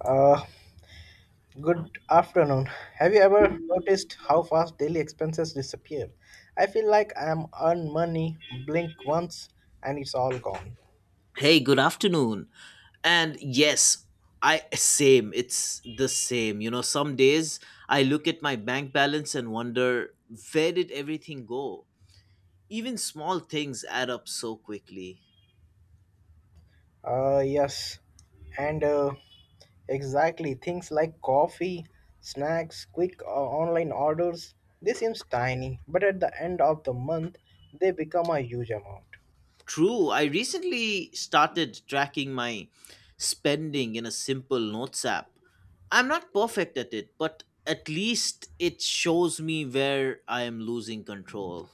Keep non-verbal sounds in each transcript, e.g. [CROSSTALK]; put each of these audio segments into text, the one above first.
Uh, Good afternoon. Have you ever noticed how fast daily expenses disappear? I feel like I am earn money, blink once, and it's all gone. Hey, good afternoon. And yes, it's the same. You know, some days I look at my bank balance and wonder where did everything go? Even small things add up so quickly. Yes, and exactly things like coffee, snacks, quick online orders. They seems tiny, but at the end of the month, they become a huge amount. True, I recently started tracking my spending in a simple notes app. I'm not perfect at it, but at least it shows me where I am losing control.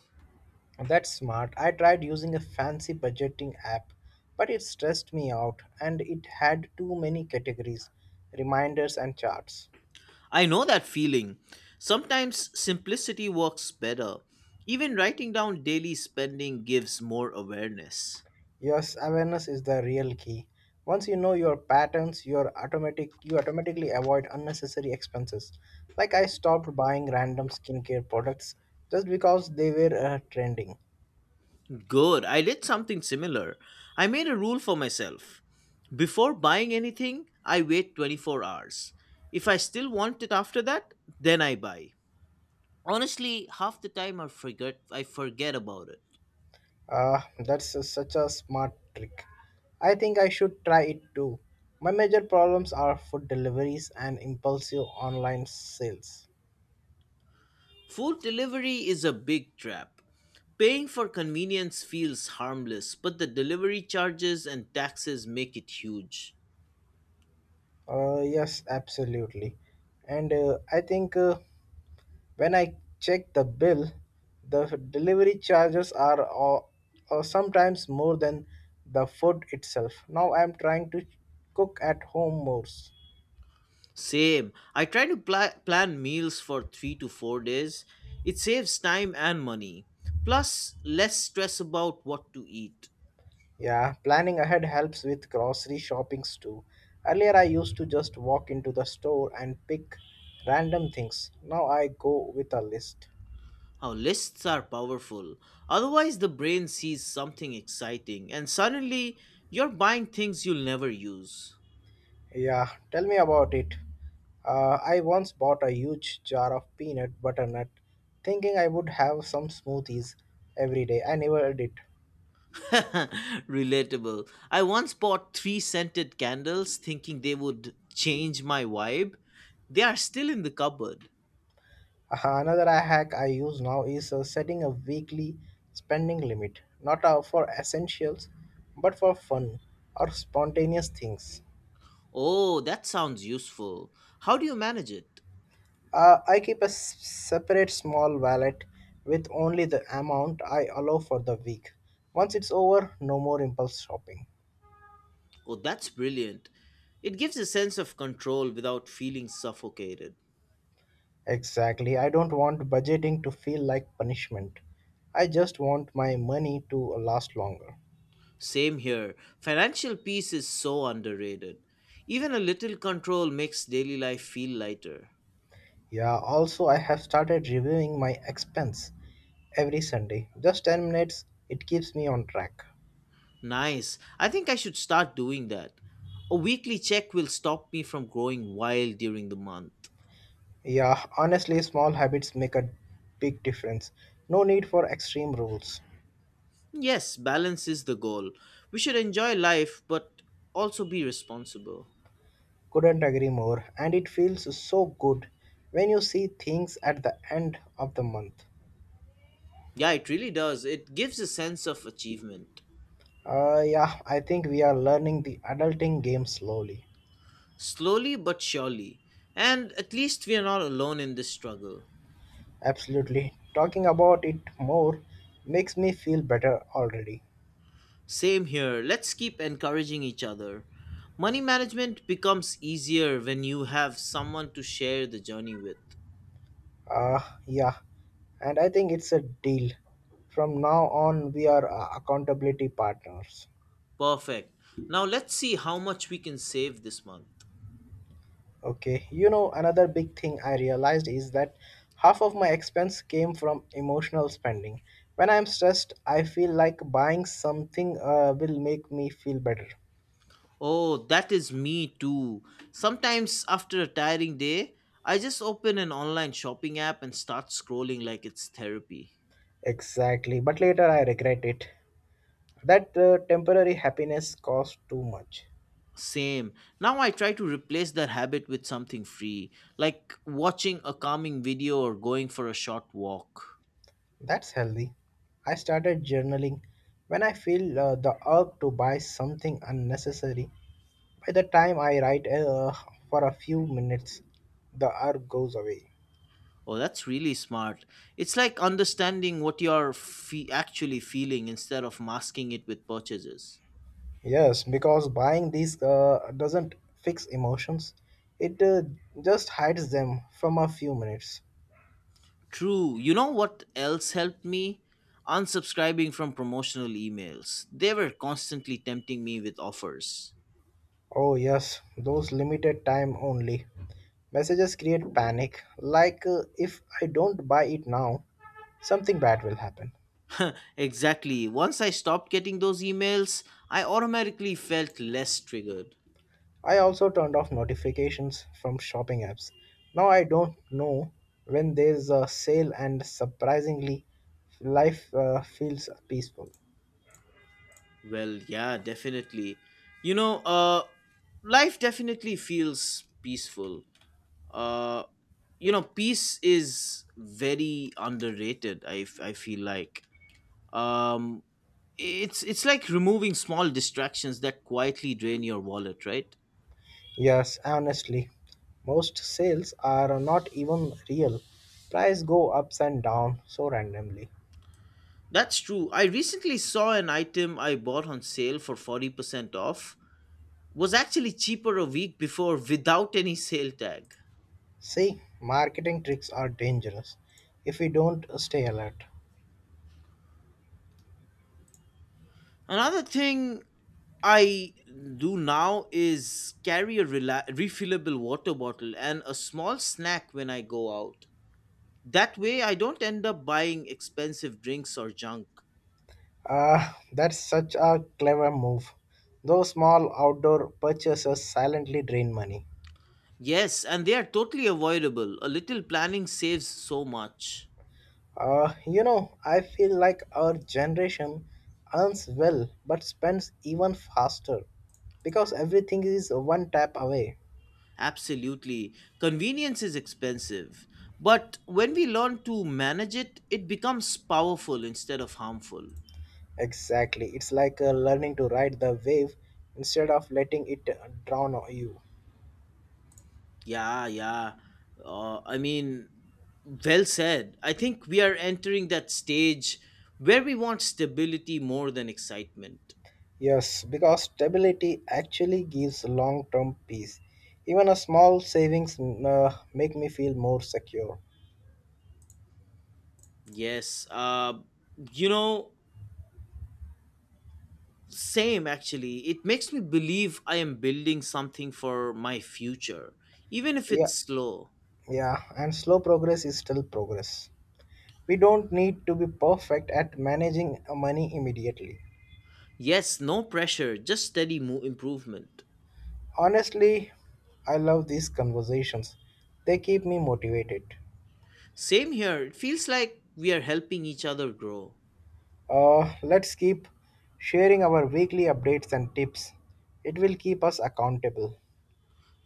That's smart. I tried using a fancy budgeting app, but it stressed me out and it had too many categories, reminders, and charts. I know that feeling. Sometimes simplicity works better. Even writing down daily spending gives more awareness. Yes, awareness is the real key. Once you know your patterns, you automatically avoid unnecessary expenses. Like I stopped buying random skincare products just because they were trending. Good, I did something similar. I made a rule for myself. Before buying anything, I wait 24 hours. If I still want it after that, then I buy. Honestly, half the time I forget about it. Ah, that's such a smart trick. I think I should try it too. My major problems are food deliveries and impulsive online sales. Food delivery is a big trap. Paying for convenience feels harmless, but the delivery charges and taxes make it huge. Yes, absolutely. And I think when I check the bill, the delivery charges are sometimes more than the food itself. Now I am trying to cook at home more. Same. I try to plan meals for 3 to 4 days. It saves time and money. Plus, less stress about what to eat. Yeah, planning ahead helps with grocery shoppings too. Earlier, I used to just walk into the store and pick random things. Now I go with a list. Our lists are powerful. Otherwise, the brain sees something exciting, and suddenly you're buying things you'll never use. Yeah, tell me about it. I once bought a huge jar of peanut butter nut, thinking I would have some smoothies every day. I never did. [LAUGHS] Relatable. I once bought three scented candles thinking they would change my vibe. They are still in the cupboard. Another hack I use now is setting a weekly spending limit, not for essentials, but for fun or spontaneous things. Oh, that sounds useful. How do you manage it? I keep a separate small wallet with only the amount I allow for the week. Once it's over, no more impulse shopping. Oh, that's brilliant. It gives a sense of control without feeling suffocated. Exactly. I don't want budgeting to feel like punishment. I just want my money to last longer. Same here. Financial peace is so underrated. Even a little control makes daily life feel lighter. Yeah, also, I have started reviewing my expense every Sunday. Just 10 minutes, it keeps me on track. Nice. I think I should start doing that. A weekly check will stop me from growing wild during the month. Yeah, honestly, small habits make a big difference. No need for extreme rules. Yes, balance is the goal. We should enjoy life but also be responsible. Couldn't agree more, and it feels so good when you see things at the end of the month. Yeah, it really does. It gives a sense of achievement. Yeah, I think we are learning the adulting game slowly. Slowly but surely. And at least we are not alone in this struggle. Absolutely. Talking about it more makes me feel better already. Same here. Let's keep encouraging each other. Money management becomes easier when you have someone to share the journey with. Uh, yeah, and I think it's a deal. From now on, we are accountability partners. Perfect. Now let's see how much we can save this month. Okay, another big thing I realized is that half of my expense came from emotional spending. When I'm stressed, I feel like buying something will make me feel better. Oh, that is me too. Sometimes after a tiring day, I just open an online shopping app and start scrolling like it's therapy. Exactly, but later I regret it. That temporary happiness cost too much. Same. Now I try to replace that habit with something free, like watching a calming video or going for a short walk. That's healthy. I started journaling. When I feel the urge to buy something unnecessary, by the time I write for a few minutes, the urge goes away. Oh, that's really smart. It's like understanding what you're actually feeling instead of masking it with purchases. Yes, because buying these doesn't fix emotions, it just hides them from a few minutes. True. You know what else helped me? Unsubscribing from promotional emails. They were constantly tempting me with offers. Oh, yes, those limited time only messages create panic, like if I don't buy it now, something bad will happen. Exactly. Once I stopped getting those emails, I automatically felt less triggered. I also turned off notifications from shopping apps. Now I don't know when there's a sale, and surprisingly, life feels peaceful. Well, yeah, definitely. You know, uh life definitely feels peaceful. Uh you know, peace is very underrated. I feel like um it's like removing small distractions that quietly drain your wallet, right? Yes, honestly, most sales are not even real. Price go ups and down so randomly. That's true. I recently saw an item I bought on sale for 40% off, was actually cheaper a week before without any sale tag. See, marketing tricks are dangerous if we don't stay alert. Another thing I do now is carry a refillable water bottle and a small snack when I go out. That way I don't end up buying expensive drinks or junk. Ah, that's such a clever move. Those small outdoor purchases silently drain money. Yes, and they are totally avoidable. A little planning saves so much. I feel like our generation earns well but spends even faster because everything is one tap away. Absolutely. Convenience is expensive. But when we learn to manage it, it becomes powerful instead of harmful. Exactly. It's like learning to ride the wave instead of letting it drown you. Yeah, yeah. I mean, well said. I think we are entering that stage where we want stability more than excitement. Yes, because stability actually gives long term peace. Even a small savings make me feel more secure. Yes. You know, Same, actually. It makes me believe I am building something for my future, even if Yeah, it's slow. yeah, and slow progress is still progress. We don't need to be perfect at managing money immediately. Yes, no pressure, just steady improvement. Honestly, I love these conversations. They keep me motivated. Same here, it feels like we are helping each other grow. Let's keep sharing our weekly updates and tips. It will keep us accountable.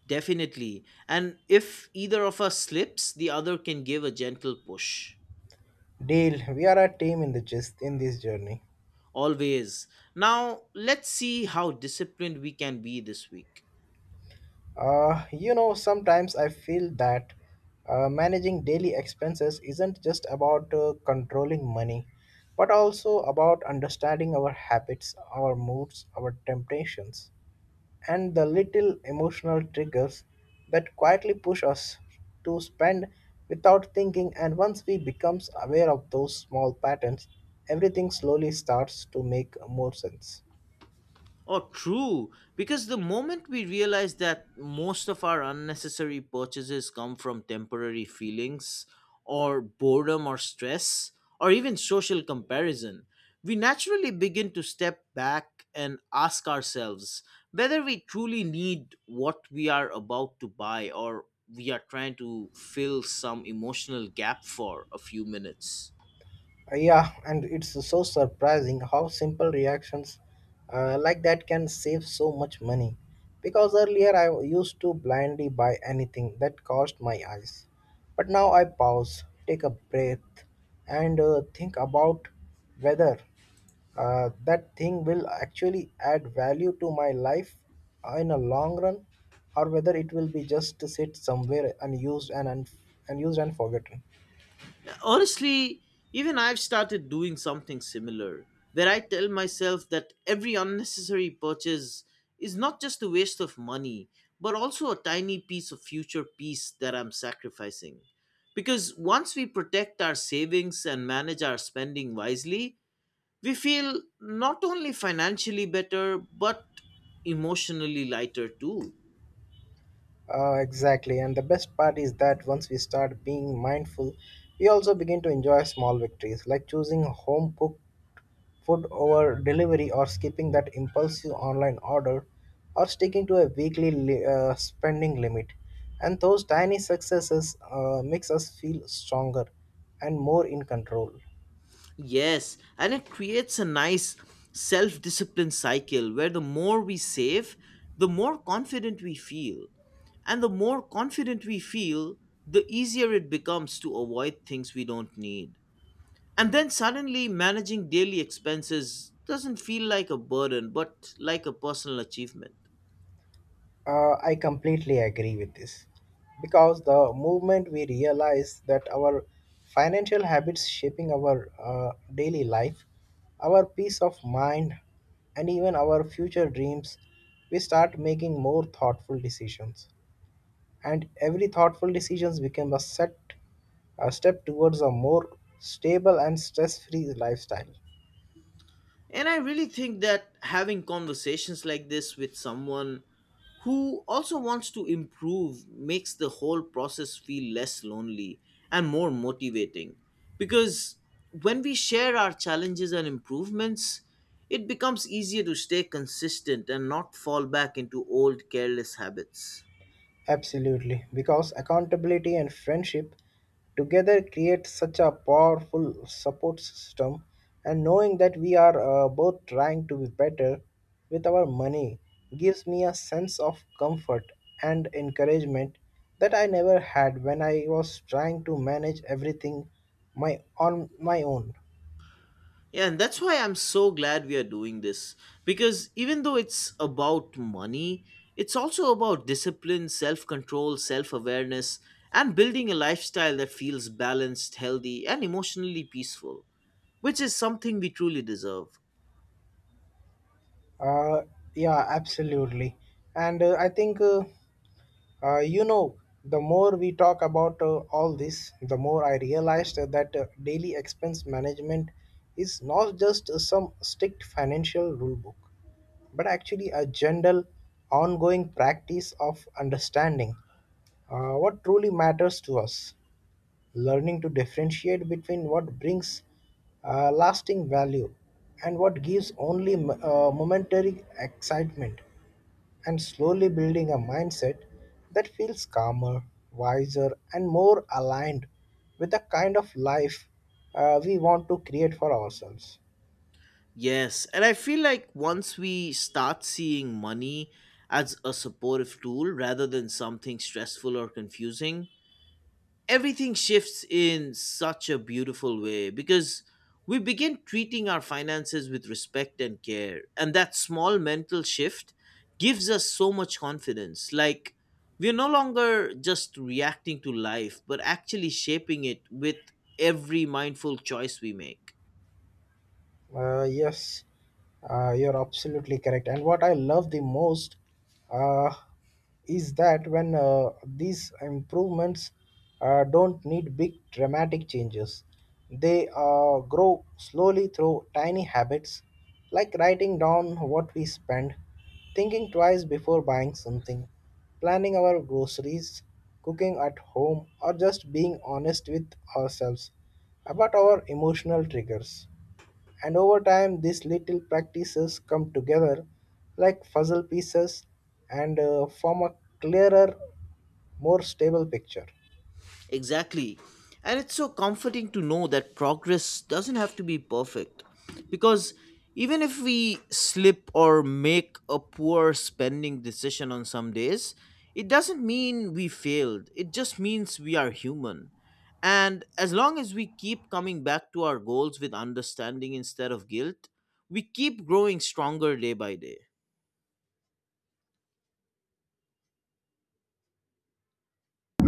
Definitely. And if either of us slips, the other can give a gentle push. Deal, we are a team in the gist in this journey. Always. Now, let's see how disciplined we can be this week. Sometimes I feel that managing daily expenses isn't just about controlling money, but also about understanding our habits, our moods, our temptations, and the little emotional triggers that quietly push us to spend without thinking. And once we becomes aware of those small patterns, everything slowly starts to make more sense. Oh, true. Because the moment we realize that most of our unnecessary purchases come from temporary feelings or boredom or stress or even social comparison, we naturally begin to step back and ask ourselves whether we truly need what we are about to buy or we are trying to fill some emotional gap for a few minutes. Yeah, and it's so surprising how simple reactions like that can save so much money, because earlier I used to blindly buy anything that caused my eyes. But now I pause, take a breath, and think about whether that thing will actually add value to my life in a long run, or whether it will be just to sit somewhere unused and unused and forgotten. Honestly, even I've started doing something similar where I tell myself that every unnecessary purchase is not just a waste of money but also a tiny piece of future peace that I'm sacrificing. Because once we protect our savings and manage our spending wisely, we feel not only financially better but emotionally lighter too. Exactly, and the best part is that once we start being mindful, we also begin to enjoy small victories like choosing home cooked food over delivery or skipping that impulsive online order or sticking to a weekly spending limit. And those tiny successes makes us feel stronger and more in control. Yes, and it creates a nice self discipline cycle where the more we save, the more confident we feel. And the more confident we feel, the easier it becomes to avoid things we don't need. And then suddenly, managing daily expenses doesn't feel like a burden, but like a personal achievement. I completely agree with this, because the moment we realize that our financial habits shaping our daily life, our peace of mind, and even our future dreams, we start making more thoughtful decisions, and every thoughtful decision became a step towards a more stable and stress-free lifestyle. And I really think that having conversations like this with someone who also wants to improve makes the whole process feel less lonely and more motivating. Because when we share our challenges and improvements, it becomes easier to stay consistent and not fall back into old careless habits. Absolutely, because accountability and friendship together create such a powerful support system, and knowing that we are both trying to be better with our money gives me a sense of comfort and encouragement that I never had when I was trying to manage everything my on my own. Yeah, and that's why I'm so glad we are doing this. Because even though it's about money, it's also about discipline, self control, self awareness, and building a lifestyle that feels balanced, healthy, and emotionally peaceful, which is something we truly deserve. Uh, yeah, absolutely. And I think, uh, you know, the more we talk about all this, the more I realized that daily expense management is not just some strict financial rule book, but actually a general, ongoing practice of understanding what truly matters to us, learning to differentiate between what brings lasting value and what gives only momentary excitement, and slowly building a mindset that feels calmer, wiser, and more aligned with the kind of life we want to create for ourselves. Yes, and I feel like once we start seeing money as a supportive tool rather than something stressful or confusing, everything shifts in such a beautiful way because we begin treating our finances with respect and care. And that small mental shift gives us so much confidence. Like, we're no longer just reacting to life, but actually shaping it with every mindful choice we make. Yes, you're absolutely correct. And what I love the most uh, is that when these improvements don't need big dramatic changes, they grow slowly through tiny habits like writing down what we spend, thinking twice before buying something, planning our groceries, cooking at home, or just being honest with ourselves about our emotional triggers. And over time, these little practices come together like puzzle pieces and form a clearer, more stable picture. Exactly. And it's so comforting to know that progress doesn't have to be perfect. Because even if we slip or make a poor spending decision on some days, it doesn't mean we failed. It just means we are human. And as long as we keep coming back to our goals with understanding instead of guilt, we keep growing stronger day by day.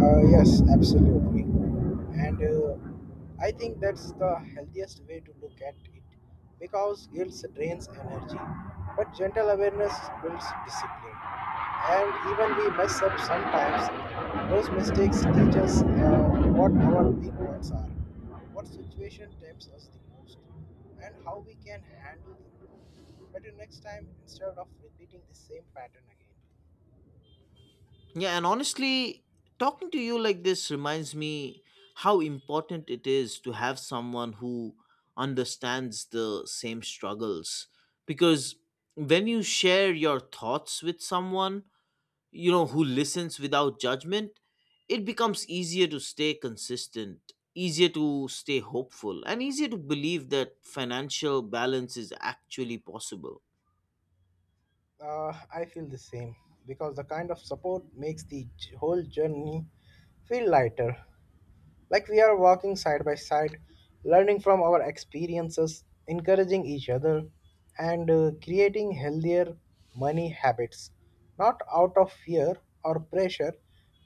Yes, absolutely. And I think that's the healthiest way to look at it, because guilt drains energy, but gentle awareness builds discipline. And even we mess up sometimes, those mistakes teach us what our weak points are, what situation tempts us the most, and how we can handle them better next time instead of repeating the same pattern again. Yeah, and honestly, talking to you like this reminds me how important it is to have someone who understands the same struggles. Because when you share your thoughts with someone, you know, who listens without judgment, it becomes easier to stay consistent, easier to stay hopeful, and easier to believe that financial balance is actually possible. I feel the same, because the kind of support makes the whole journey feel lighter. Like we are walking side by side, learning from our experiences, encouraging each other, and creating healthier money habits. Not out of fear or pressure,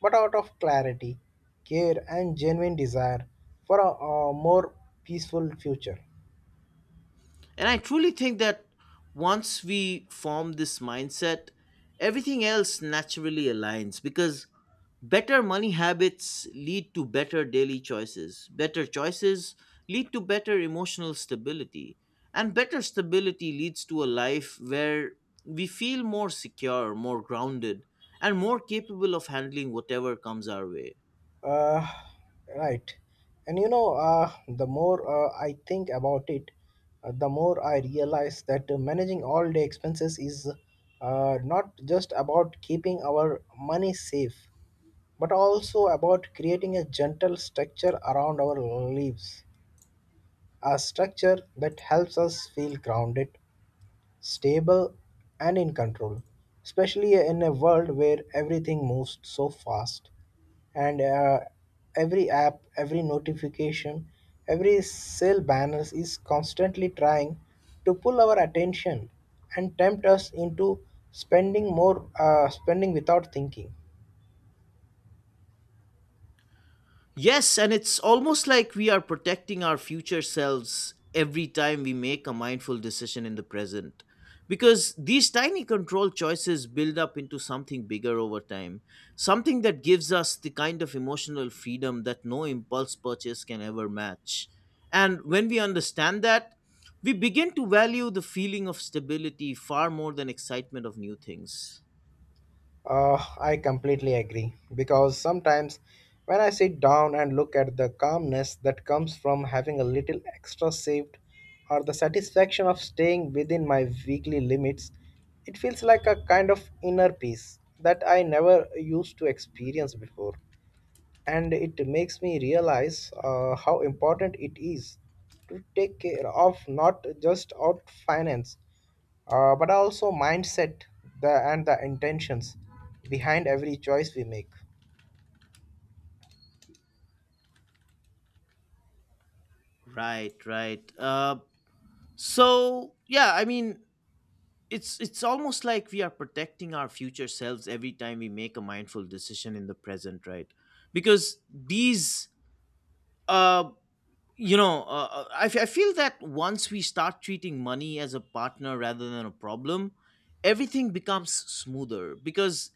but out of clarity, care, and genuine desire for a more peaceful future. And I truly think that once we form this mindset, everything else naturally aligns because better money habits lead to better daily choices. Better choices lead to better emotional stability. And better stability leads to a life where we feel more secure, more grounded, and more capable of handling whatever comes our way. Uh, right. And the more I think about it, the more I realize that managing all the expenses is not just about keeping our money safe, but also about creating a gentle structure around our lives, a structure that helps us feel grounded, stable, and in control, especially in a world where everything moves so fast, and every app, every notification, every sale banners is constantly trying to pull our attention and tempt us into spending more, spending without thinking. Yes, and it's almost like we are protecting our future selves every time we make a mindful decision in the present. Because these tiny control choices build up into something bigger over time, something that gives us the kind of emotional freedom that no impulse purchase can ever match. And when we understand that, we begin to value the feeling of stability far more than excitement of new things. I completely agree, because sometimes when I sit down and look at the calmness that comes from having a little extra saved or the satisfaction of staying within my weekly limits, it feels like a kind of inner peace that I never used to experience before. And it makes me realize how important it is to take care of not just out finance, but also mindset, and the intentions behind every choice we make. Right, right. So, yeah, I mean, it's almost like we are protecting our future selves every time we make a mindful decision in the present, right? Because these uh I feel that once we start treating money as a partner rather than a problem, everything becomes smoother because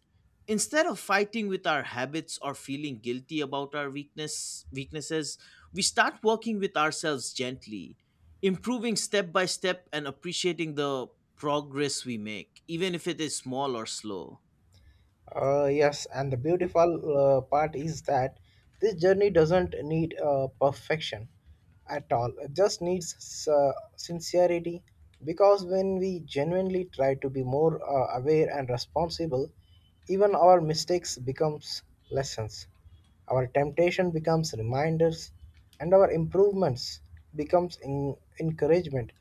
instead of fighting with our habits or feeling guilty about our weaknesses, we start working with ourselves gently, improving step by step and appreciating the progress we make, even if it is small or slow. Yes, and the beautiful part is that this journey doesn't need perfection at all. It just needs sincerity, because when we genuinely try to be more aware and responsible, even our mistakes becomes lessons. Our temptation becomes reminders, and our improvements becomes encouragement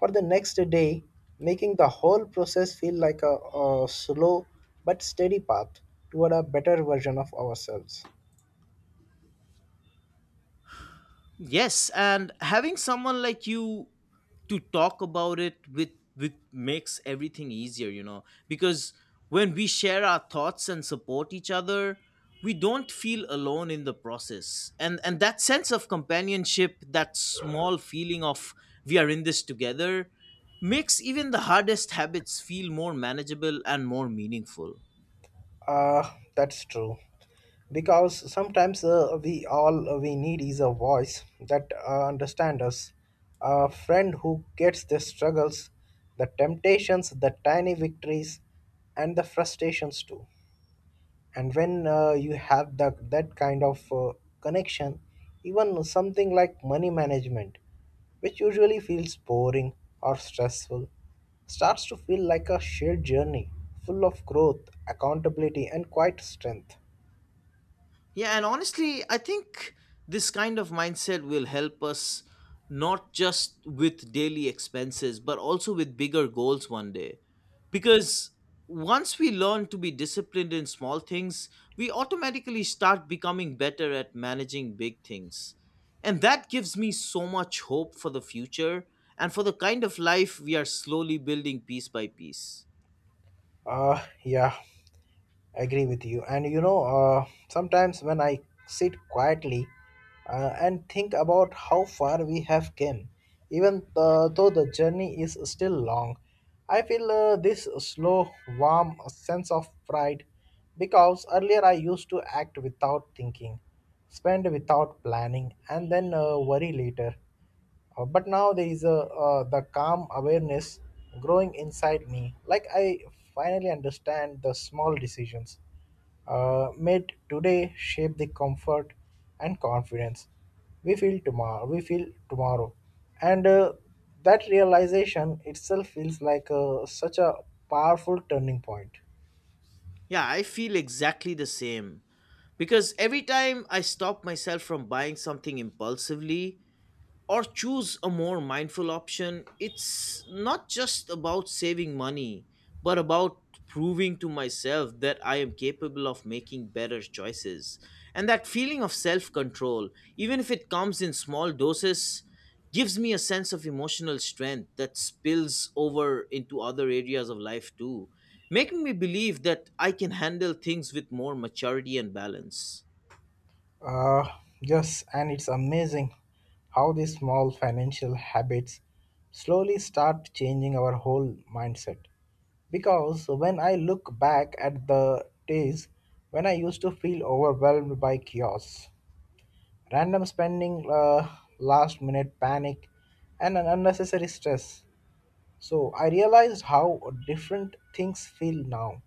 for the next day, making the whole process feel like a slow but steady path toward a better version of ourselves. Yes, and having someone like you to talk about it with makes everything easier, you know, because when we share our thoughts and support each other, we don't feel alone in the process, and that sense of companionship, that small feeling of we are in this together, makes even the hardest habits feel more manageable and more meaningful. Uh, that's true. Because sometimes we all we need is a voice that understands us, a friend who gets the struggles, the temptations, the tiny victories, and the frustrations too. And when you have that kind of connection, even something like money management, which usually feels boring or stressful, starts to feel like a shared journey full of growth, accountability and quiet strength. Yeah, and honestly, I think this kind of mindset will help us not just with daily expenses, but also with bigger goals one day. Because once we learn to be disciplined in small things, we automatically start becoming better at managing big things. And that gives me so much hope for the future and for the kind of life we are slowly building piece by piece. Yeah, I agree with you. And you know, sometimes when I sit quietly and think about how far we have came, even though the journey is still long, I feel this slow, warm sense of pride, because earlier I used to act without thinking, spend without planning, and then worry later. But now there is a the calm awareness growing inside me, like I finally understand the small decisions made today shape the comfort and confidence we feel tomorrow. And that realization itself feels like such a powerful turning point. Yeah, I feel exactly the same. Because every time I stop myself from buying something impulsively or choose a more mindful option, it's not just about saving money, but about proving to myself that I am capable of making better choices. And that feeling of self control, even if it comes in small doses, gives me a sense of emotional strength that spills over into other areas of life too, making me believe that I can handle things with more maturity and balance. Uh, yes, and it's amazing how these small financial habits slowly start changing our whole mindset. Because when I look back at the days when I used to feel overwhelmed by chaos, random spending, last minute panic, and an unnecessary stress, so I realized how different things feel now.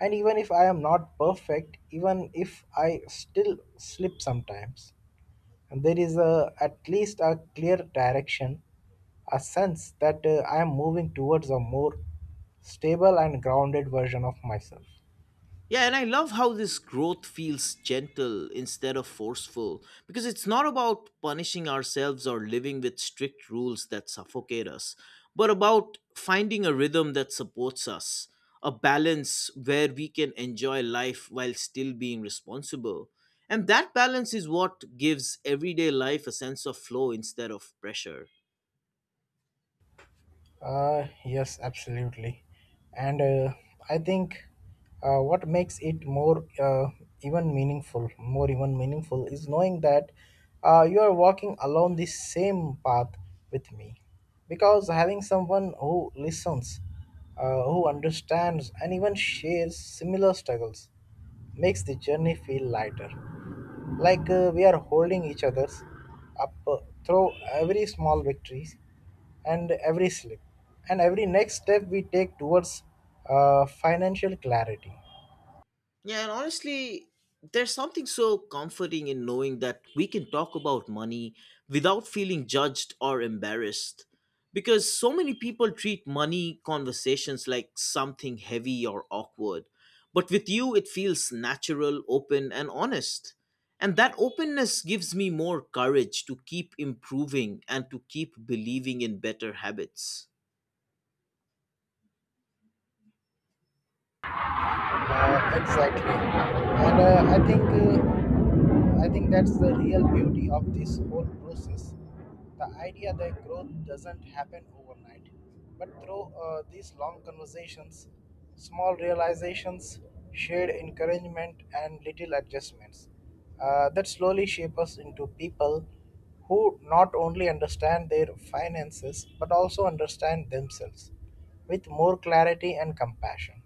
And even if I am not perfect, even if I still slip sometimes, and there is a, at least a clear direction, a sense that I am moving towards a more stable and grounded version of myself. Yeah, and I love how this growth feels gentle instead of forceful because it's not about punishing ourselves or living with strict rules that suffocate us, but about finding a rhythm that supports us, a balance where we can enjoy life while still being responsible. And that balance is what gives everyday life a sense of flow instead of pressure. Yes, absolutely. And I think what makes it more even meaningful, is knowing that you are walking along the same path with me. Because having someone who listens, who understands, and even shares similar struggles, makes the journey feel lighter, like we are holding each other's up through every small victories and every slip and every next step we take towards financial clarity. Yeah, and honestly, there's something so comforting in knowing that we can talk about money without feeling judged or embarrassed. Because so many people treat money conversations like something heavy or awkward. But with you, it feels natural, open, and honest. And that openness gives me more courage to keep improving and to keep believing in better habits. Exactly. And I think that's the real beauty of this whole process. The idea that growth doesn't happen overnight, but through these long conversations, small realizations, shared encouragement, and little adjustments that slowly shape us into people who not only understand their finances but also understand themselves with more clarity and compassion.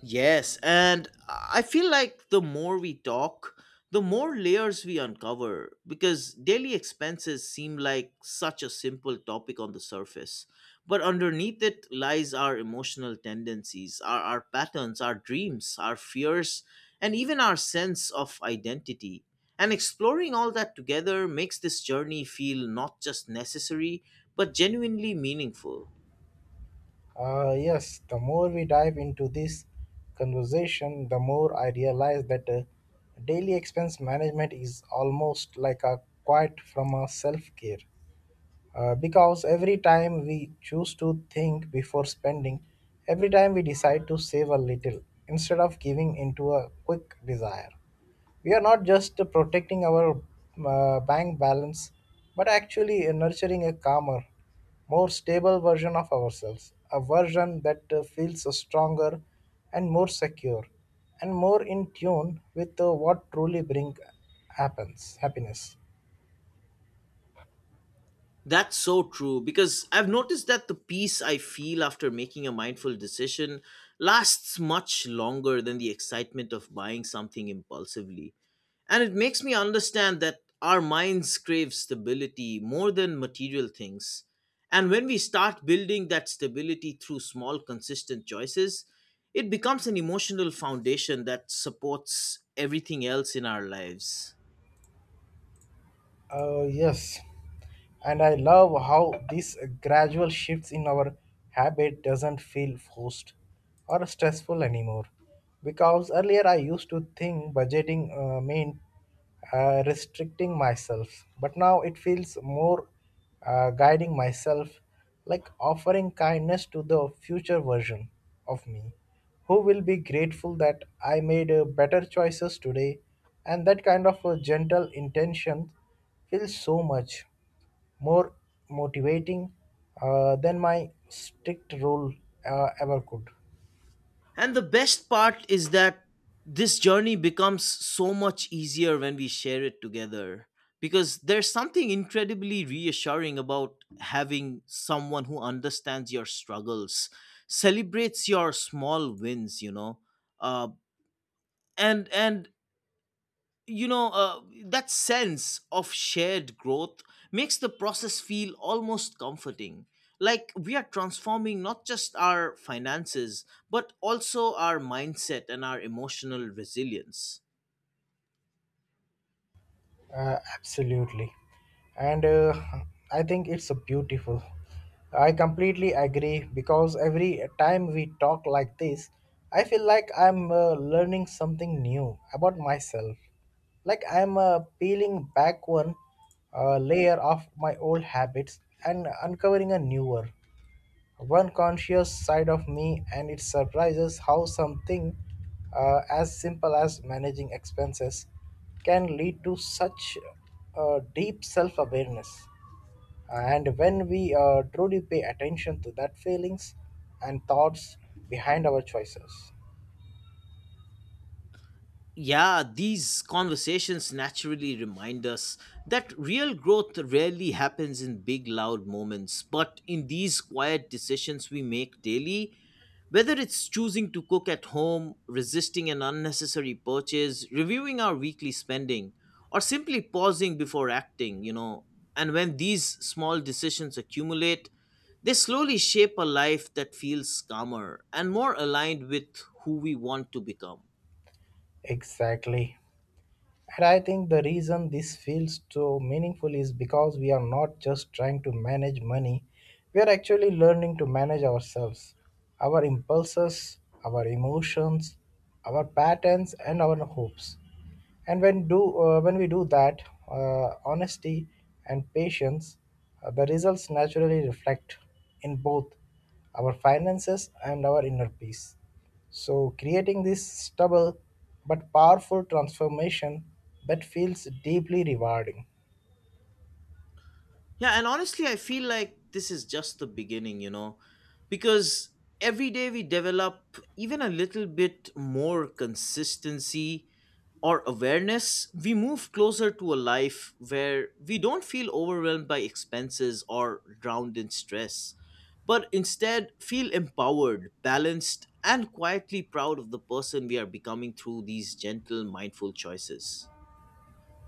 Yes, and I feel like the more we talk, the more layers we uncover because daily expenses seem like such a simple topic on the surface. But underneath it lies our emotional tendencies, our patterns, our dreams, our fears, and even our sense of identity. And exploring all that together makes this journey feel not just necessary, but genuinely meaningful. Yes, the more we dive into this conversation, the more I realize that daily expense management is almost like a quiet from a self care. Because every time we choose to think before spending, every time we decide to save a little instead of giving into a quick desire, we are not just protecting our bank balance, but actually nurturing a calmer, more stable version of ourselves, a version that feels stronger and more secure and more in tune with what truly brings happens happiness. That's so true because I've noticed that the peace I feel after making a mindful decision lasts much longer than the excitement of buying something impulsively. And it makes me understand that our minds crave stability more than material things. And when we start building that stability through small, consistent choices, it becomes an emotional foundation that supports everything else in our lives. Yes, and I love how these gradual shifts in our habit doesn't feel forced or stressful anymore. Because earlier I used to think budgeting meant restricting myself, but now it feels more guiding myself, like offering kindness to the future version of me, who will be grateful that I made better choices today, and that kind of a gentle intention feels so much more motivating than my strict rule ever could. And the best part is that this journey becomes so much easier when we share it together because there's something incredibly reassuring about having someone who understands your struggles, celebrates your small wins uh, and that sense of shared growth makes the process feel almost comforting, like we are transforming not just our finances but also our mindset and our emotional resilience. Absolutely. And I think it's a beautiful. I completely agree, because every time we talk like this, I feel like I'm learning something new about myself. Like I'm peeling back one layer of my old habits and uncovering a newer one conscious side of me, and it surprises how something as simple as managing expenses can lead to such deep self awareness. And when we truly pay attention to that feelings and thoughts behind our choices. Yeah, these conversations naturally remind us that real growth rarely happens in big, loud moments, but in these quiet decisions we make daily. Whether it's choosing to cook at home, resisting an unnecessary purchase, reviewing our weekly spending, or simply pausing before acting, you know, and when these small decisions accumulate, they slowly shape a life that feels calmer and more aligned with who we want to become. Exactly. And I think the reason this feels so meaningful is because we are not just trying to manage money, we are actually learning to manage ourselves, our impulses, our emotions, our patterns, and our hopes. And when do when we do that, honesty and patience, the results naturally reflect in both our finances and our inner peace. So, creating this stubble but powerful transformation that feels deeply rewarding. Yeah, and honestly, I feel like this is just the beginning, you know, because every day we develop even a little bit more consistency or awareness, we move closer to a life where we don't feel overwhelmed by expenses or drowned in stress, but instead feel empowered, balanced, and quietly proud of the person we are becoming through these gentle, mindful choices.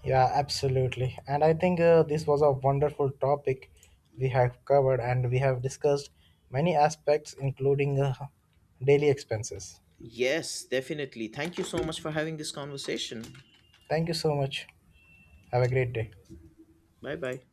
Yeah, absolutely. And I think this was a wonderful topic we have covered, and we have discussed many aspects, including daily expenses. Yes, definitely. Thank you so much for having this conversation. Thank you so much. Have a great day. Bye bye.